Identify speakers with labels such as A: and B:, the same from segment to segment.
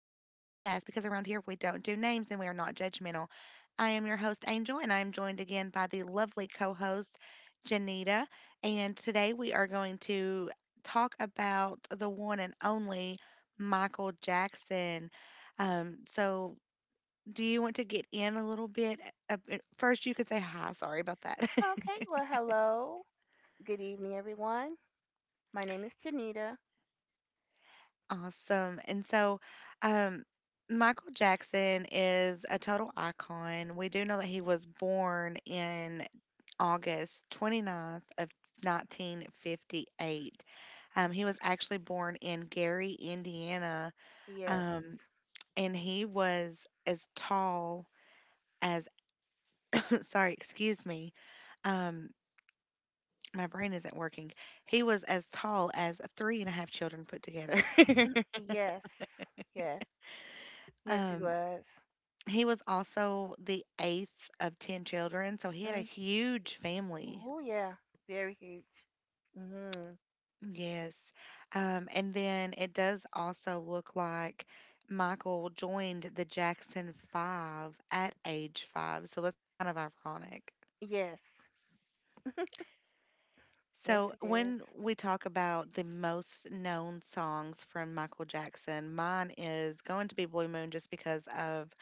A: because around here we don't do names and we are not judgmental. I am your host, Angel, and I am joined again by the lovely co host, Janita. And today we are going to talk about the one and only Michael Jackson. So, do you want to get in a little bit? First, you could say hi. Sorry about that.
B: Okay, well, hello. Good evening, everyone. My name is Janita.
A: Awesome. And so, um, Michael Jackson is a total icon. We do know that he was born in August 29th of 1958. He was actually born in Gary, Indiana,
B: Yes,
A: um, and he was as tall as, sorry, excuse me, um, my brain isn't working. He was as tall as three and a half children put together.
B: yes, yes, yes, it
A: Um,
B: was.
A: He was also the eighth of 10 children, so he had a
B: Mm.
A: huge family.
B: Oh, yeah, very huge. Mm-hmm.
A: Yes. And then it does also look like Michael joined the Jackson Five at age 5, so that's kind of ironic.
B: Yes, yes,
A: So,
B: it is.
A: when we talk about the most known songs from Michael Jackson, mine is going to be Blue Moon just because of,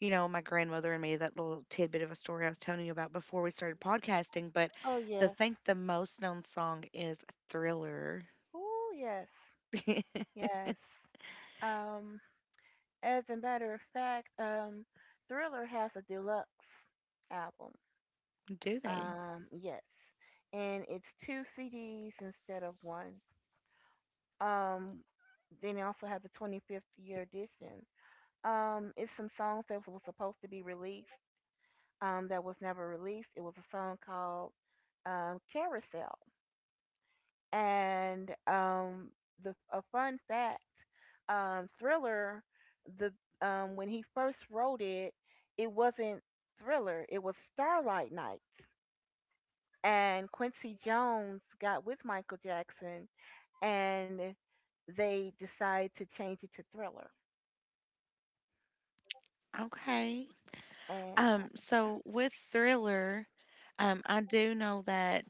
A: my grandmother and me, that little tidbit of a story I was telling you about before we started podcasting. But
B: Oh, yes.
A: the most known song is Thriller.
B: Oh, yes, yes. Um, as a matter of fact, Thriller has a deluxe album.
A: Do they?
B: Yes, and it's two CDs instead of one. Um, then they also have the 25th year edition. It's some songs that was supposed to be released, that was never released. It was a song called, Carousel. And the a fun fact, Thriller, the when he first wrote it, it wasn't Thriller. It was Starlight Night. And Quincy Jones got with Michael Jackson, and they decided to change it to Thriller.
A: Okay.
B: Uh,
A: So with Thriller, I do know that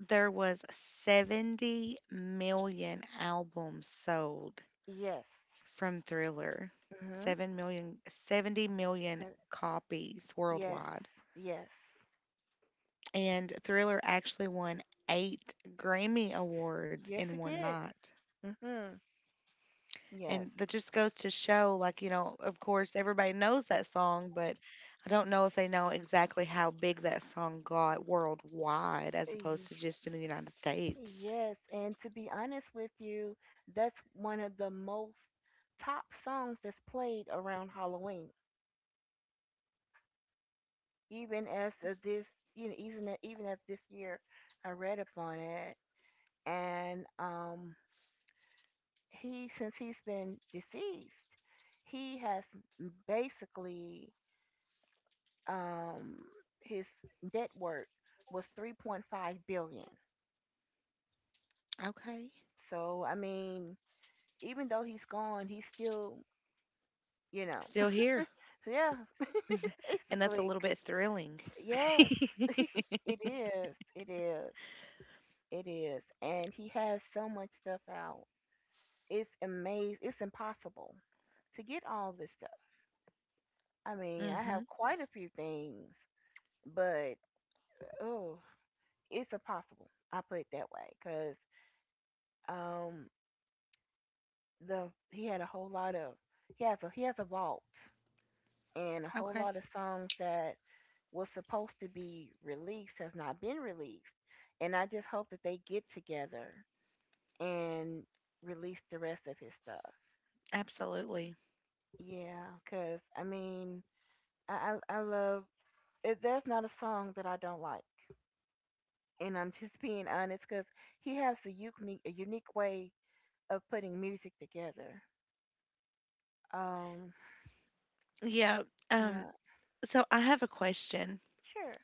A: there was 70 million albums sold
B: yes.
A: from Thriller.
B: Mhm.
A: 70 million
B: So-
A: copies
B: Yes.
A: worldwide.
B: Yes.
A: And Thriller actually won eight Grammy Awards
B: Yes,
A: in
B: it
A: one
B: did.
A: night.
B: Mhm. Yes.
A: And that just goes to show, like, of course, everybody knows that song, but I don't know if they know exactly how big that song got worldwide
B: Uh,
A: as opposed
B: y-
A: to just in the United States.
B: Yes. And to be honest with you, that's one of the most top songs that's played around Halloween. Even as of this, you know, even even as this year, I read up on it, and he, since he's been deceased, he has basically, um his net worth was 3.5 billion.
A: Okay.
B: So I mean, even though he's gone, he's still, you know.
A: Still here.
B: So yeah.
A: And that's a
B: Basically,
A: little bit thrilling.
B: yes. It is, it is, it is. And he has so much stuff out, it's amazing. It's impossible to get all this stuff. I mean, I have
A: Mm-hmm.
B: quite a few things, but oh, it's impossible. I put it that way because, um the he had a whole lot of, he has a vault and a whole
A: Okay.
B: lot of songs that was supposed to be released has not been released. And I just hope that they get together and release the rest of his stuff.
A: Absolutely.
B: Yeah, cause I mean, I love. There's not a song that I don't like, and I'm just being honest, cause he has a unique way of putting music together. Um,
A: Yeah. Um,
B: yeah,
A: so I have a question.
B: sure.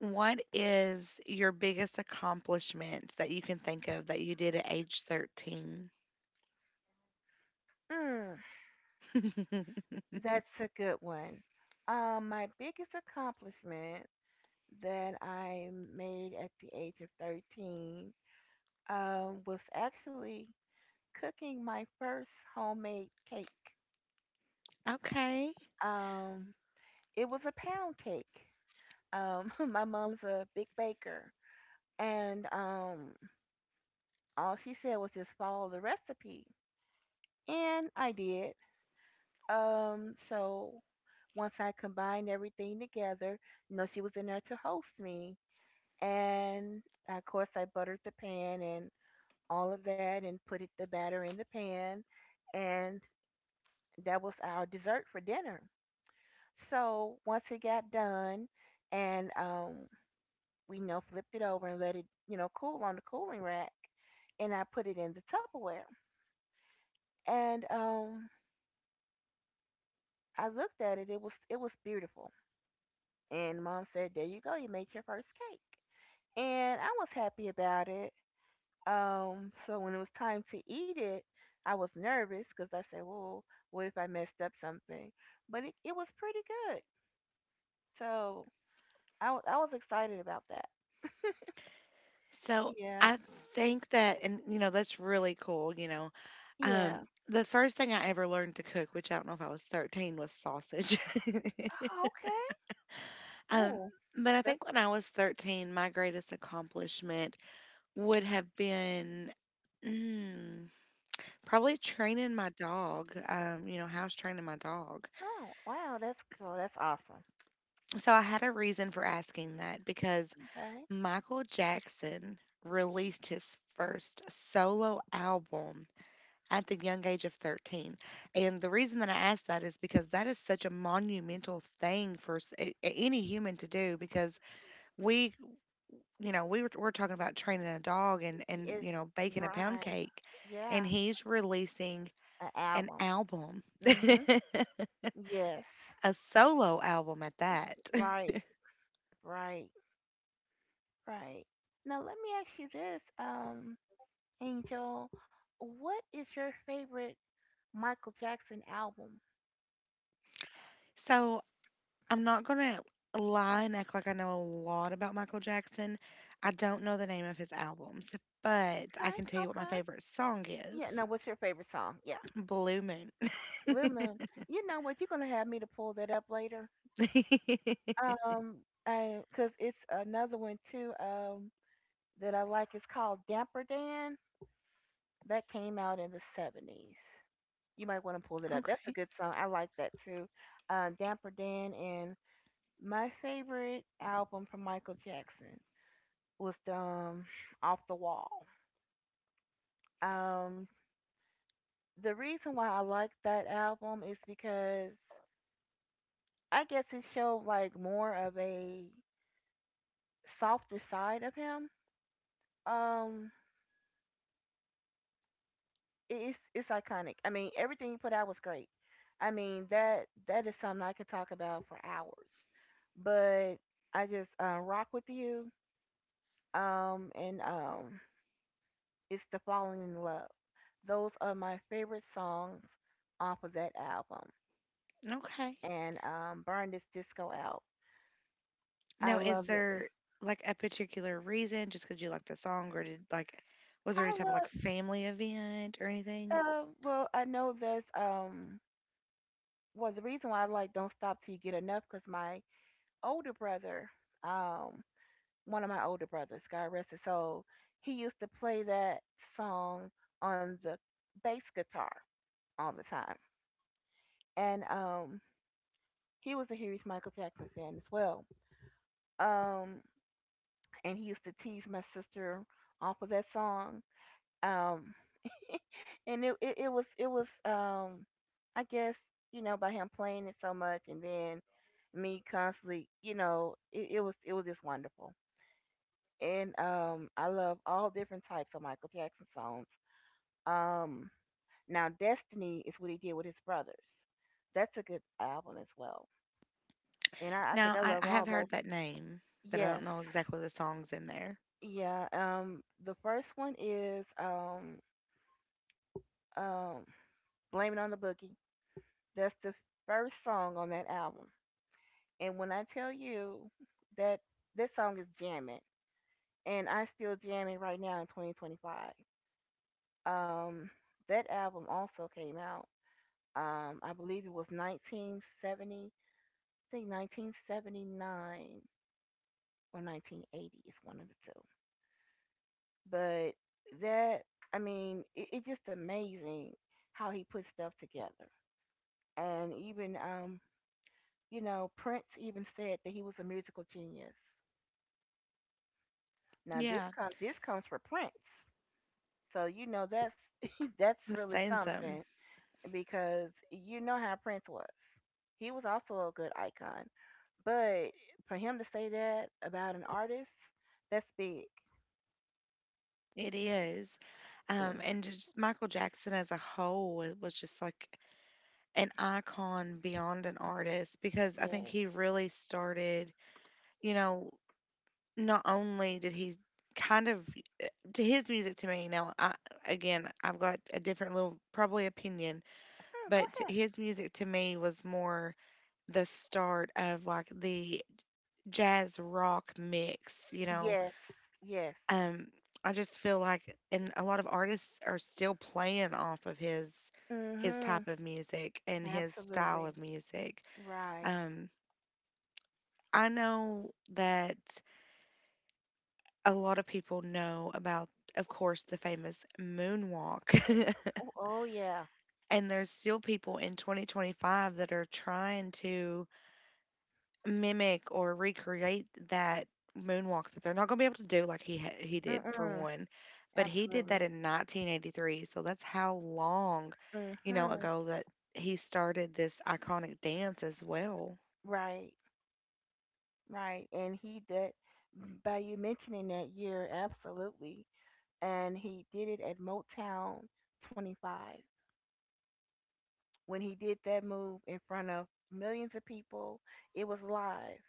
A: What is your biggest accomplishment that you can think of that you did at age 13?
B: Mm. That's a good one. My biggest accomplishment that I made at the age of 13, was actually cooking my first homemade cake.
A: Okay.
B: Um, it was a pound cake. My mom's a big baker, and all she said was just follow the recipe, and I did. So once I combined everything together, you know, she was in there to host me, and of course I buttered the pan and all of that, and put the batter in the pan, and that was our dessert for dinner. So once it got done, and we, you know, flipped it over and let it, you know, cool on the cooling rack, and I put it in the Tupperware. And I looked at it. It was, it was beautiful. And mom said, "There you go, you made your first cake." And I was happy about it. So when it was time to eat it, I was nervous because I said, "Well, what if I messed up something?" But it was pretty good, so I was excited about that.
A: So
B: Yeah,
A: I think that, and that's really cool.
B: yeah.
A: Um, the first thing I ever learned to cook, which I don't know if I was 13, was sausage.
B: Oh, okay.
A: um,
B: Oh,
A: but I
B: that's
A: think when I was 13, my greatest accomplishment would have been, mm, probably training my dog, house training my dog.
B: oh wow, that's cool. That's awesome.
A: So I had a reason for asking that because
B: Okay,
A: Michael Jackson released his first solo album at the young age of 13. And the reason that I asked that is because that is such a monumental thing for any human to do because we, you know, we were, we're talking about training a dog and
B: it's
A: baking a pound
B: right.
A: cake,
B: Yeah,
A: and he's releasing
B: an
A: an
B: album.
A: album.
B: Mhm. Yes.
A: A solo album at that.
B: Right. Right. Right. Now let me ask you this. Angel, what is your favorite Michael Jackson album?
A: So I'm not gonna lie and act like I know a lot about Michael Jackson. I don't know the name of his albums, but I
B: Okay,
A: can tell you what my
B: okay.
A: favorite song
B: Yeah, no,
A: is.
B: what's your favorite song? Yeah.
A: Blue Moon.
B: Little Man, you know what? You're going to have me to pull that up later. Um, cause it's another one too, that I like. It's called Damper Dan. That came out in the 70s. You might want to pull it up. That's a
A: Okay.
B: good song. I like that too. Damper Dan, and my favorite album from Michael Jackson was, Off the Wall. Um, the reason why I like that album is because I guess it showed like more of a softer side of him. Um, it's iconic. I mean, everything he put out was great. I mean that is something I could talk about for hours. But I just, rock with you. And it's the falling in love. Those are my favorite songs off of that album.
A: Okay.
B: And burn this disco out. I
A: Now, is
B: love it.
A: there like a particular reason just because you like the song, or did like was there any
B: I
A: type of like
B: love.
A: family event or anything?
B: Well, I know there's. Well, the reason why I like don't stop till you get enough because my older brother, um, one of my older brothers, God rest his soul, he used to play that song on the bass guitar all the time, and he was a huge Michael Jackson fan as well. Um, and he used to tease my sister off of that song. Um, and it was, I guess, you know, by him playing it so much, and then me constantly, you know, it was, it was just wonderful. And um, I love all different types of Michael Jackson songs. Um, now Destiny is what he did with his brothers. That's a good album as well, and I think
A: Now,
B: I
A: I,
B: love
A: I have
B: all those.
A: heard that name, but I
B: Yes,
A: don't know exactly the songs in there.
B: yeah. The first one is, um Blame It on the Boogie. That's the first song on that album. And when I tell you that this song is jamming, and I still jamming right now in 2025. Um, that album also came out. I believe it was 1970. I think 1979 or 1980 is one of the two. But that, I mean, it's just amazing how he put stuff together. And even, you know, Prince even said that he was a musical genius. Now
A: Yeah,
B: this comes for Prince. So you know that's that's
A: that's
B: really
A: saying
B: something,
A: something.
B: because you know how Prince was. He was also a good icon, but for him to say that about an artist, that's big.
A: It is.
B: Yeah.
A: And just Michael Jackson as a whole was just like an icon beyond an artist because I think
B: Yes.
A: he really started, you know, not only did he kind of to his music to me, now I, again, I've got a different little probably opinion,
B: Mm, go
A: but
B: ahead.
A: his music to me was more the start of like the jazz rock mix,
B: Yes. Yes.
A: Um, I just feel like, and a lot of artists are still playing off of his
B: Mhm.
A: type of music and his style
B: Absolutely.
A: of music.
B: Right.
A: Um, I know that a lot of people know about, of course, the famous moonwalk,
B: Oh, oh yeah.
A: and there's still people in 2025 that are trying to mimic or recreate that moonwalk that they're not going to be able to do like he did for
B: Mm-mm.
A: one, but he did that
B: Absolutely.
A: in 1983, so that's how long
B: Mhm.
A: ago that he started this iconic dance as well.
B: Right. Right. And he did by you mentioning that year. Absolutely. And he did it at Motown 25. When he did that move in front of millions of people, it was live,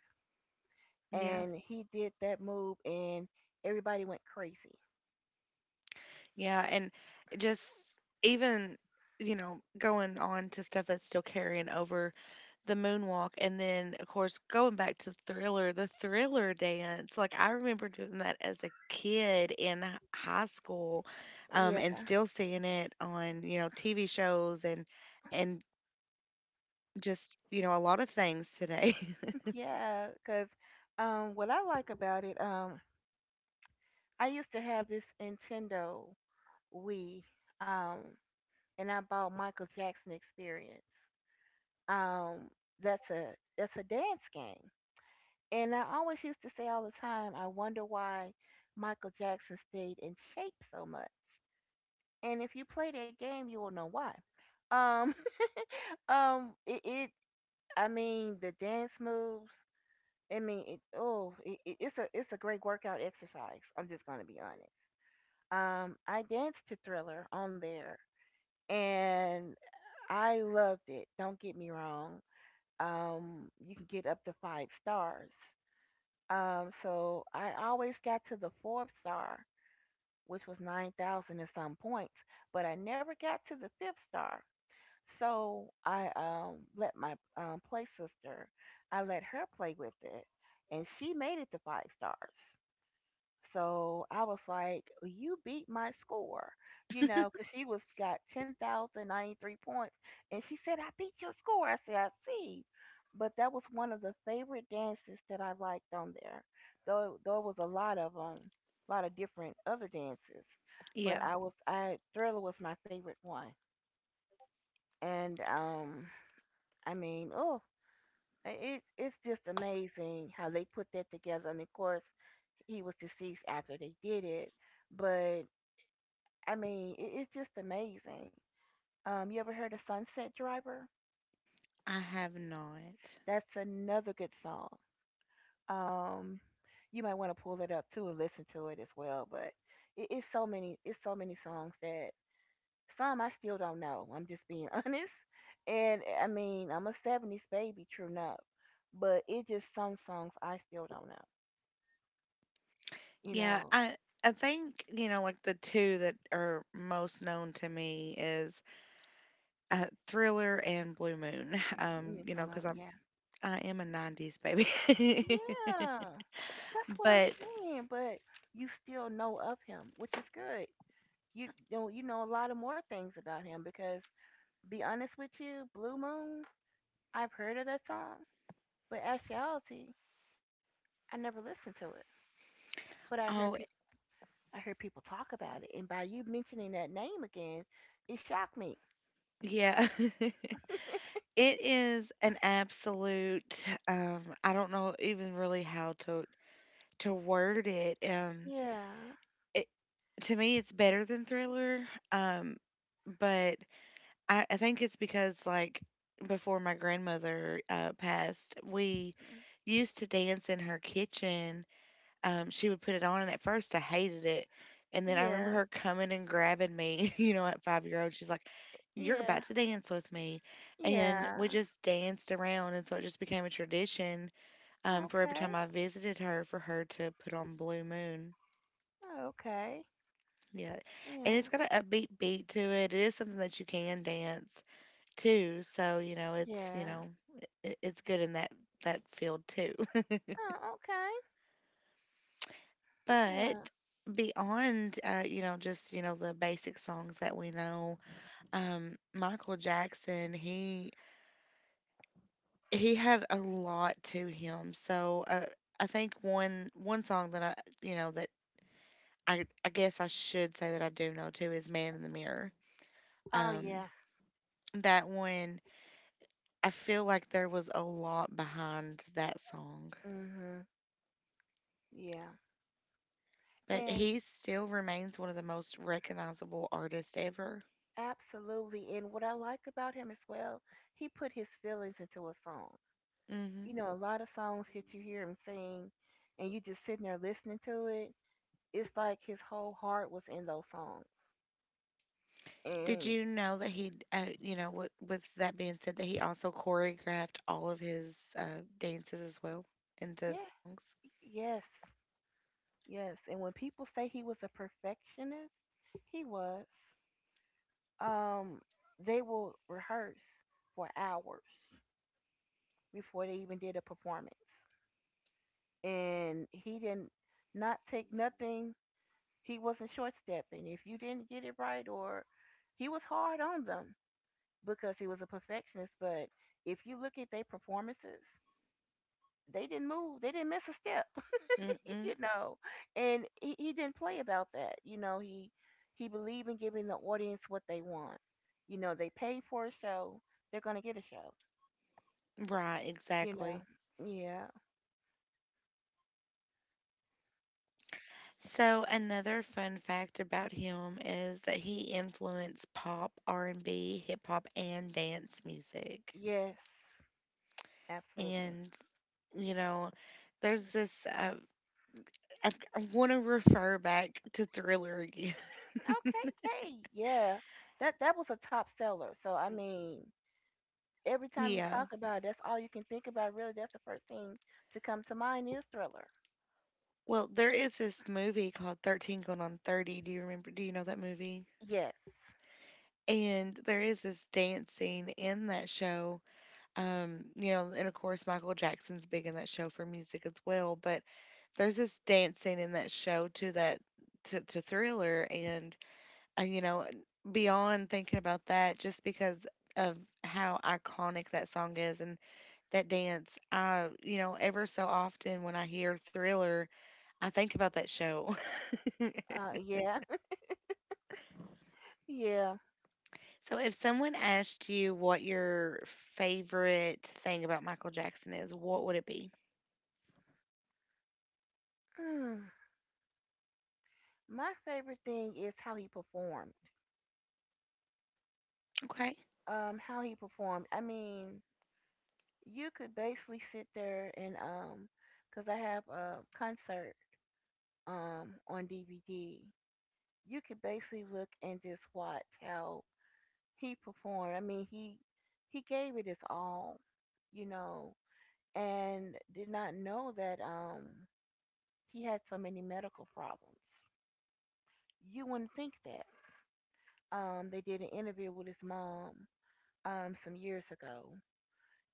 A: Yeah.
B: and he did that move, and everybody went crazy.
A: Yeah, and just even, going on to stuff that's still carrying over the moonwalk, and then of course going back to Thriller, the Thriller dance. Like I remember doing that as a kid in high school,
B: Yeah,
A: and still seeing it on, TV shows, and just, a lot of things today.
B: yeah, because, what I like about it, I used to have this Nintendo Wii, um, and I bought Michael Jackson Experience. Um, that's a that's a dance game. And I always used to say all the time, I wonder why Michael Jackson stayed in shape so much. And if you play that game, you will know why. Um, it, it I mean, the dance moves. I mean, oh, it's a great workout exercise. I'm just gonna be honest. I danced to Thriller on there, and I loved it. Don't get me wrong. You can get up to five stars. So I always got to the fourth star, which was 9,000 and some points, but I never got to the fifth star. So I, let my, play sister, I let her play with it, and she made it to five stars. So I was like, "You beat my score," you know, because she was got 10,093 points, and she said, "I beat your score." I said, "I see," but that was one of the favorite dances that I liked on there. Though it was a lot of, a lot of different other dances, but
A: Yeah,
B: I was I Thriller was my favorite one, and I mean, oh, it's just amazing how they put that together. And of course, he was deceased after they did it, but I mean, it's just amazing. You ever heard of Sunset Driver?
A: I have not.
B: That's another good song. Um, you might want to pull it up too and listen to it as well. But it's so many songs that some I still don't know. I'm just being honest. And eh, I mean, I'm a '70s baby, true enough, but it just some songs I still don't know. You
A: Yeah,
B: know,
A: I think, like the two that are most known to me is Thriller and Blue Moon.
B: mm, come on,
A: Because I'm
B: yeah,
A: I am a 90s baby.
B: yeah. That's what I'm
A: But
B: saying. But you still know of him, which is good. You know, you know a lot of more things about him because, be honest with you, Blue Moon, I've heard of that song, but actuality, I never listened to it. But
A: oh,
B: I heard people talk about it, and by you mentioning that name again, it shocked me.
A: yeah. It is an absolute, I don't know even really how to word it.
B: Yeah,
A: It, to me it's better than Thriller. But I think it's because, like, before my grandmother passed, we
B: mm,
A: used to dance in her kitchen. She would put it on, and at first I hated it, and then I remember
B: yeah,
A: her coming and grabbing me. At 5-year-old old, she's like, "You're
B: yeah,
A: about to dance with me," and
B: yeah.
A: we just danced around, and so it just became a tradition, for every time
B: Okay,
A: I visited her for her to put on Blue Moon.
B: okay,
A: Yeah, and it's
B: yeah,
A: got an upbeat beat to it. It is something that you can dance too. So, you know, it's,
B: yeah.
A: you know, it, it's good in that field too.
B: Oh, okay,
A: But
B: yeah.
A: beyond, just the basic songs that we know. Michael Jackson, he had a lot to him, so I think one song that I guess I should say that I do know too is Man in the Mirror.
B: Oh,
A: um
B: yeah.
A: that one I feel like there was a lot behind that song.
B: Mhm. Yeah.
A: But
B: And
A: he still remains one of the most recognizable artists ever.
B: absolutely. And what I like about him as well, he put his feelings into a song.
A: Hmm.
B: You know, a lot of songs that you hear him sing, and you just sitting there listening to it, it's like his whole heart was in those songs.
A: Did
B: And
A: you know that he, with that being said, that he also choreographed all of his dances as well into
B: yeah,
A: songs?
B: yes, yes. And when people say he was a perfectionist, he was. Um, they will rehearse for hours before they even did a performance. And he didn't not take nothing. He wasn't short stepping. If you didn't get it right, or he was hard on them because he was a perfectionist. But if you look at their performances, they didn't move. They didn't miss a step,
A: Mm-mm.
B: you know. And he didn't play about that. You know, he believed in giving the audience what they want. You know, they paid for a show, they're gonna get a show.
A: Right,
B: You know.
A: exactly.
B: Yeah.
A: So another fun fact about him is that he influenced pop, R&B, hip hop, and dance music.
B: Yes. Absolutely.
A: And you know, there's this, I, I want to refer back to Thriller again.
B: Okay. Hey. Yeah. That was a top seller. So I mean, every time you
A: Yeah.
B: talk about it, that's all you can think about. Really, that's the first thing to come to mind is Thriller.
A: Well, there is this movie called 13 Going on 30. Do you remember? Do you know that movie?
B: Yes.
A: And there is this dance scene in that show. And of course, Michael Jackson's big in that show for music as well. But there's this dance scene in that show to that to Thriller. And, uh, you know, beyond thinking about that, just because of how iconic that song is and that dance, ever so often when I hear Thriller, I think about that show.
B: Yeah. Yeah.
A: So if someone asked you what your favorite thing about Michael Jackson is, what would it be?
B: Hmm. My favorite thing is how he performed.
A: Okay.
B: How he performed. I mean, you could basically sit there and cause I have a concert on DVD. You could basically look and just watch how he performed. I mean, he gave it his all. You know, and did not know that he had so many medical problems. You wouldn't think that. They did an interview with his mom, some years ago,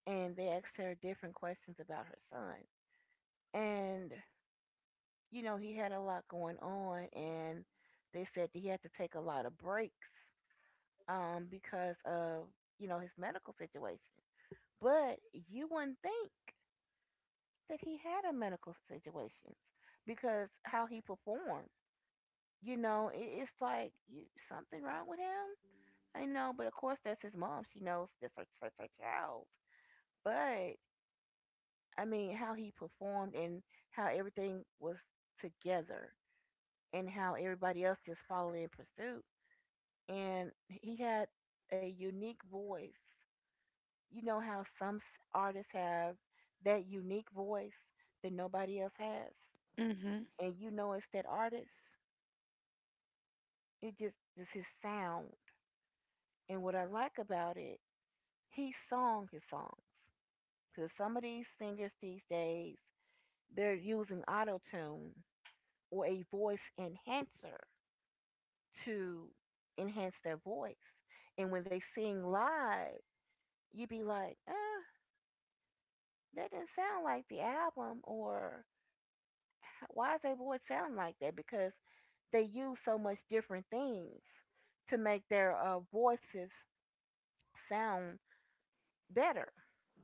B: and they asked her different questions about her son. And, you know, he had a lot going on, and they said that he had to take a lot of breaks, because of, you know, his medical situation. But you wouldn't think that he had a medical situation because how he performed, you know, it's like you, something wrong with him. I know, but of course that's his mom. She knows that's her child. But I mean, how he performed and how everything was together, and how everybody else just followed in pursuit. And he had a unique voice. You know how some artists have that unique voice that nobody else has,
A: Mm-hmm.
B: and you know it's that artist. It's his sound. And what I like about it, he sung his songs. Because some of these singers these days, they're using auto tune or a voice enhancer to enhance their voice. And when they sing live, you'd be like, eh, that didn't sound like the album, or why does their voice sound like that? Because they use so much different things to make their voices sound better.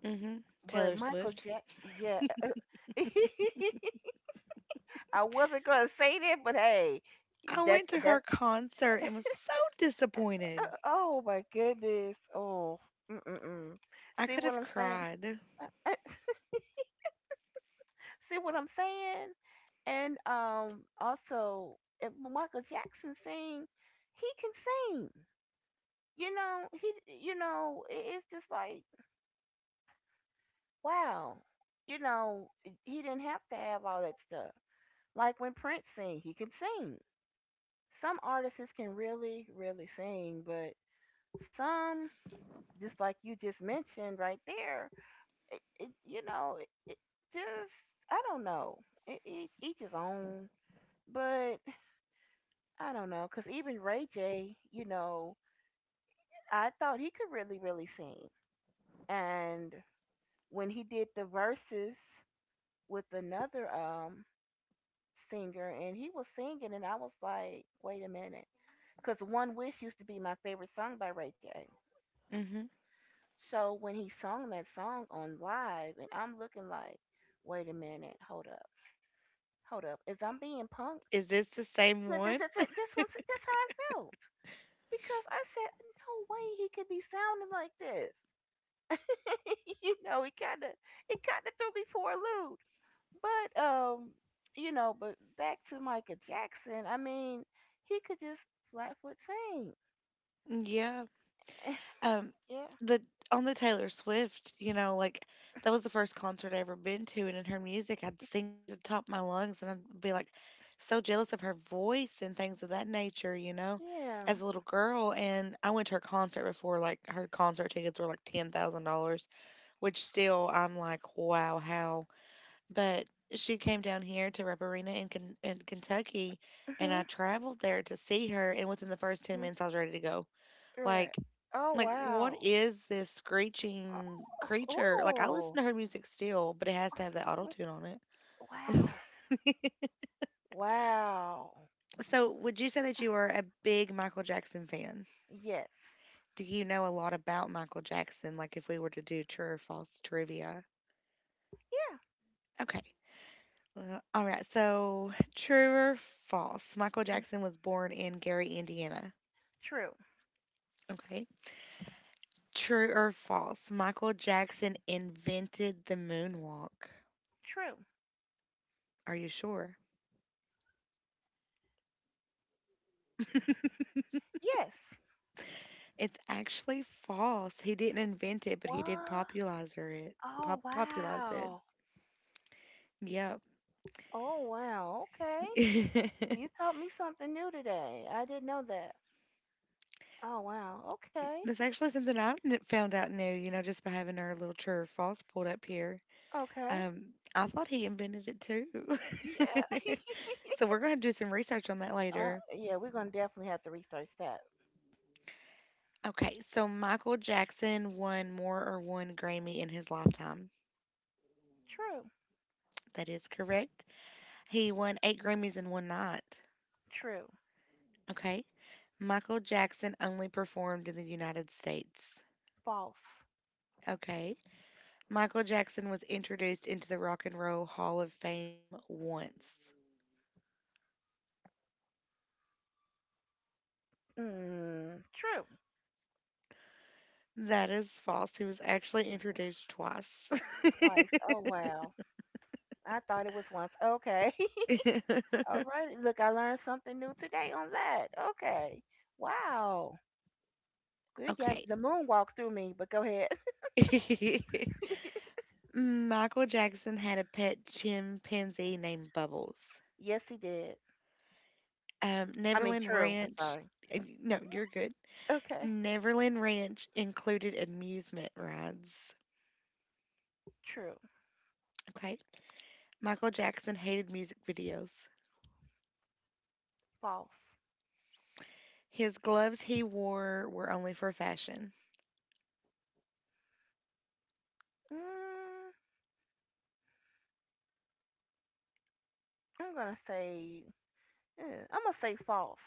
A: Mm-hmm.
B: But
A: Taylor
B: Michael
A: Swift.
B: Jack, yeah, I wasn't gonna say that, but hey,
A: I
B: that's
A: went to her
B: that's.
A: concert and was so disappointed.
B: Oh my goodness. Oh, mm-mm-mm.
A: I
B: See
A: could
B: what
A: have
B: I'm saying?
A: cried.
B: Uh, uh, See what I'm saying? And also, if Michael Jackson sing, he can sing. You know, he. You know, it's just like wow. You know, he didn't have to have all that stuff. Like when Prince sing, he can sing. Some artists can really, really sing, but some, just like you just mentioned right there, it you know, it just, I don't know. It, each his own, but I don't know because even Ray J, you know, I thought he could really really sing, and when he did the verses with another singer and he was singing and I was like, wait a minute, because One Wish used to be my favorite song by Ray J.
A: Mm-hmm.
B: So when he sung that song on live, and I'm looking like, wait a minute, hold up, is I'm being punked?
A: Is this the same one?
B: This one's that's how I felt because I said no way he could be sounding like this. You know, it kind of threw me for a loop. But you know, but back to Michael Jackson. I mean, he could just flatfoot sing.
A: Yeah. Um,
B: Yeah,
A: the On the Taylor Swift, like that was the first concert I ever been to, and in her music, I'd sing it to the top of my lungs, and I'd be like so jealous of her voice and things of that nature,
B: mm-hmm,
A: as a little girl. And I went to her concert before, like her concert tickets were like $10,000, which still I'm like, wow, how? But she came down here to Rep Arena in in Kentucky, and
B: yeah,
A: I traveled there to see her, and within the first ten
B: hmm,
A: minutes, I was ready to go.
B: right.
A: Like
B: Oh
A: like, what
B: wow.
A: is this screeching creature? Like, I listen
B: Oh,
A: to her music still, but it has to have that auto
B: mm,
A: tune on
B: wow.
A: it.
B: Wow.
A: So, would you say that you are a big Michael Jackson fan?
B: Yes.
A: Do you know a lot about Michael Jackson? Like, if we were to do true or false trivia?
B: Yeah.
A: Okay. All right. So, true or false? Michael
B: Mm,
A: Jackson was born in Gary, Indiana.
B: true.
A: Okay. True or false? Michael Jackson invented the moonwalk.
B: True.
A: Are you sure?
B: Yes.
A: It's actually false. He didn't invent it, but
B: What?
A: he did popularize it.
B: Oh,
A: Popularize it.
B: wow.
A: Yep.
B: Oh, wow. Okay. You taught me something new today. I didn't know that. Oh, wow. Okay.
A: That's actually something I found out new, just by having our little true or false pulled up here.
B: Okay.
A: Um, I thought he invented it too.
B: Yeah.
A: So we're going to do some research on that later.
B: Yeah, we're gonna definitely have to research that.
A: Okay, so Michael Jackson won more or one Grammy in his lifetime.
B: True,
A: That is correct. He won eight Grammys in one night.
B: true,
A: Okay. Michael Jackson only performed in the United States.
B: false.
A: Okay. Michael Jackson was introduced into the Rock and Roll Hall of Fame once.
B: Mm, true.
A: That is false. He was actually introduced twice.
B: Twice. Oh wow. I thought it was once. Okay. All right. Look, I learned something new today on that. Okay. Wow. Good. Yeah,
A: Okay.
B: the moon walked through me, but go ahead.
A: Michael Jackson had a pet chimpanzee named Bubbles.
B: Yes, he did. I mean,
A: Neverland
B: true. I'm
A: Ranch.
B: sorry.
A: No, you're good.
B: Okay.
A: Neverland Ranch included amusement rides.
B: True.
A: Okay. Michael Jackson hated music videos.
B: False.
A: His gloves he wore were only for fashion.
B: Mm, I'm gonna say. eh, I'm gonna say false.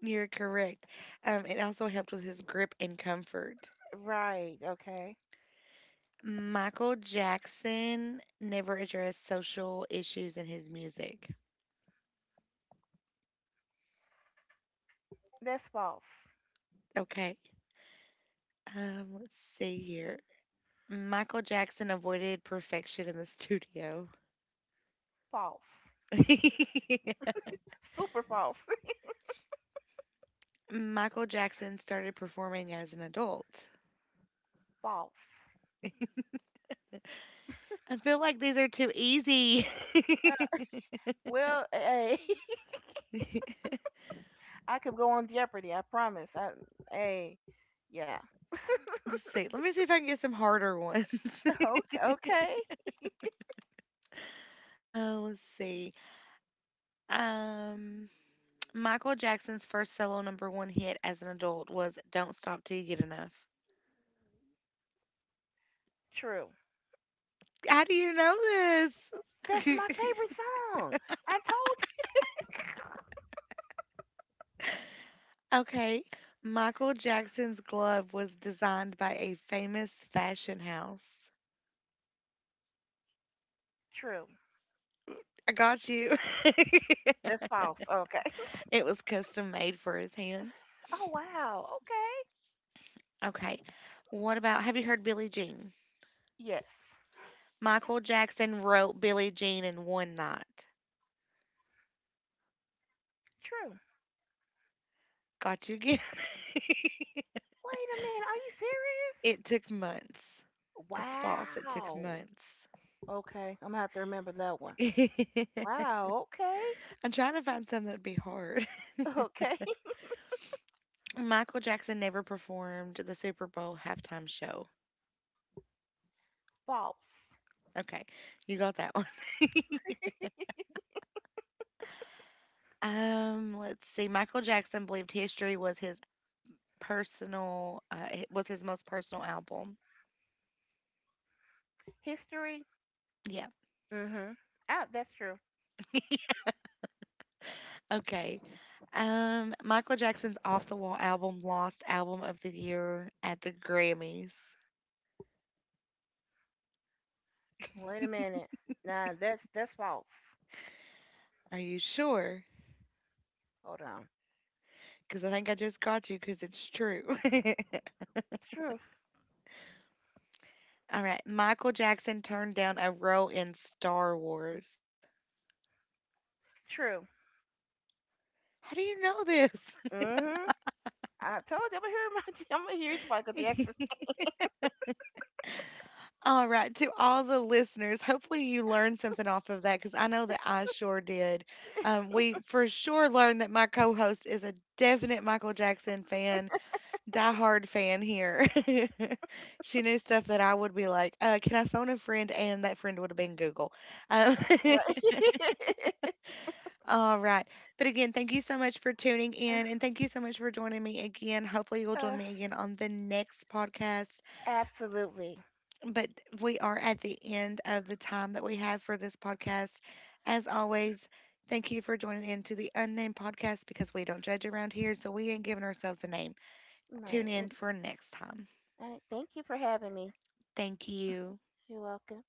A: You're correct. It also helped with his grip and comfort.
B: Right. Okay.
A: Michael Jackson never addressed social issues in his music.
B: That's false.
A: Okay. Let's see here. Michael Jackson avoided perfection in the studio.
B: False. Super false.
A: Michael Jackson started performing as an adult.
B: False.
A: I feel like these are too easy.
B: Uh, Well, hey, I could go on Jeopardy. I promise. Hey, yeah.
A: Let's see. Let me see if I can get some harder ones.
B: Okay. Okay.
A: Oh, let's see. Um, Michael Jackson's first solo number one hit as an adult was "Don't Stop Till You Get Enough."
B: True.
A: How do you know
B: That's
A: this?
B: my favorite song. I told you.
A: Okay. Michael Jackson's glove was designed by a famous fashion house.
B: True.
A: I got you.
B: That's false. Okay.
A: It was custom made for his hands.
B: Oh wow. Okay.
A: Okay. What about have you heard Billie Jean?
B: Yes.
A: Michael Jackson wrote Billie Jean in one night.
B: True.
A: Got you again.
B: Wait a minute.
A: It took months.
B: Are you serious?
A: It's false. It took
B: Wow.
A: months.
B: Okay. I'm gonna have to remember that one. Wow. Okay.
A: I'm trying to find some that would be hard.
B: Okay.
A: Michael Jackson never performed the Super Bowl halftime show.
B: False.
A: Okay, you got that one. Let's see. Michael Jackson believed History was his personal, it was his most personal album.
B: History.
A: Yeah.
B: Mm-hmm. Ah, that's true.
A: Okay. Michael Jackson's Off the Wall album lost album of the year at the Grammys.
B: Wait a minute. Nah, that's false.
A: Are you sure?
B: Hold on.
A: Because I think I just got you because it's true.
B: True.
A: All right. Michael Jackson turned down a role in Star Wars.
B: True.
A: How do you know this?
B: Mm-hmm. I told you I'm gonna hear my, I'm gonna hear it's Michael Jackson.
A: All right. To all the listeners, hopefully you learned something off of that because I know that I sure did. We for sure learned that my co host is a definite Michael Jackson fan, diehard fan here. She knew stuff that I would be like, can I phone a friend? And that friend would have been Google. Um,
B: Right.
A: All right. But again, thank you so much for tuning in and thank you so much for joining me again. Hopefully, you'll join
B: Uh,
A: me again on the next podcast.
B: Absolutely.
A: But we are at the end of the time that we have for this podcast. As always, thank you for joining in to the Unnamed Podcast because we don't judge around here, so we ain't giving ourselves a name. Tune
B: Right.
A: in
B: Well,
A: for next time.
B: all right. Thank you for having me.
A: Thank you.
B: You're welcome.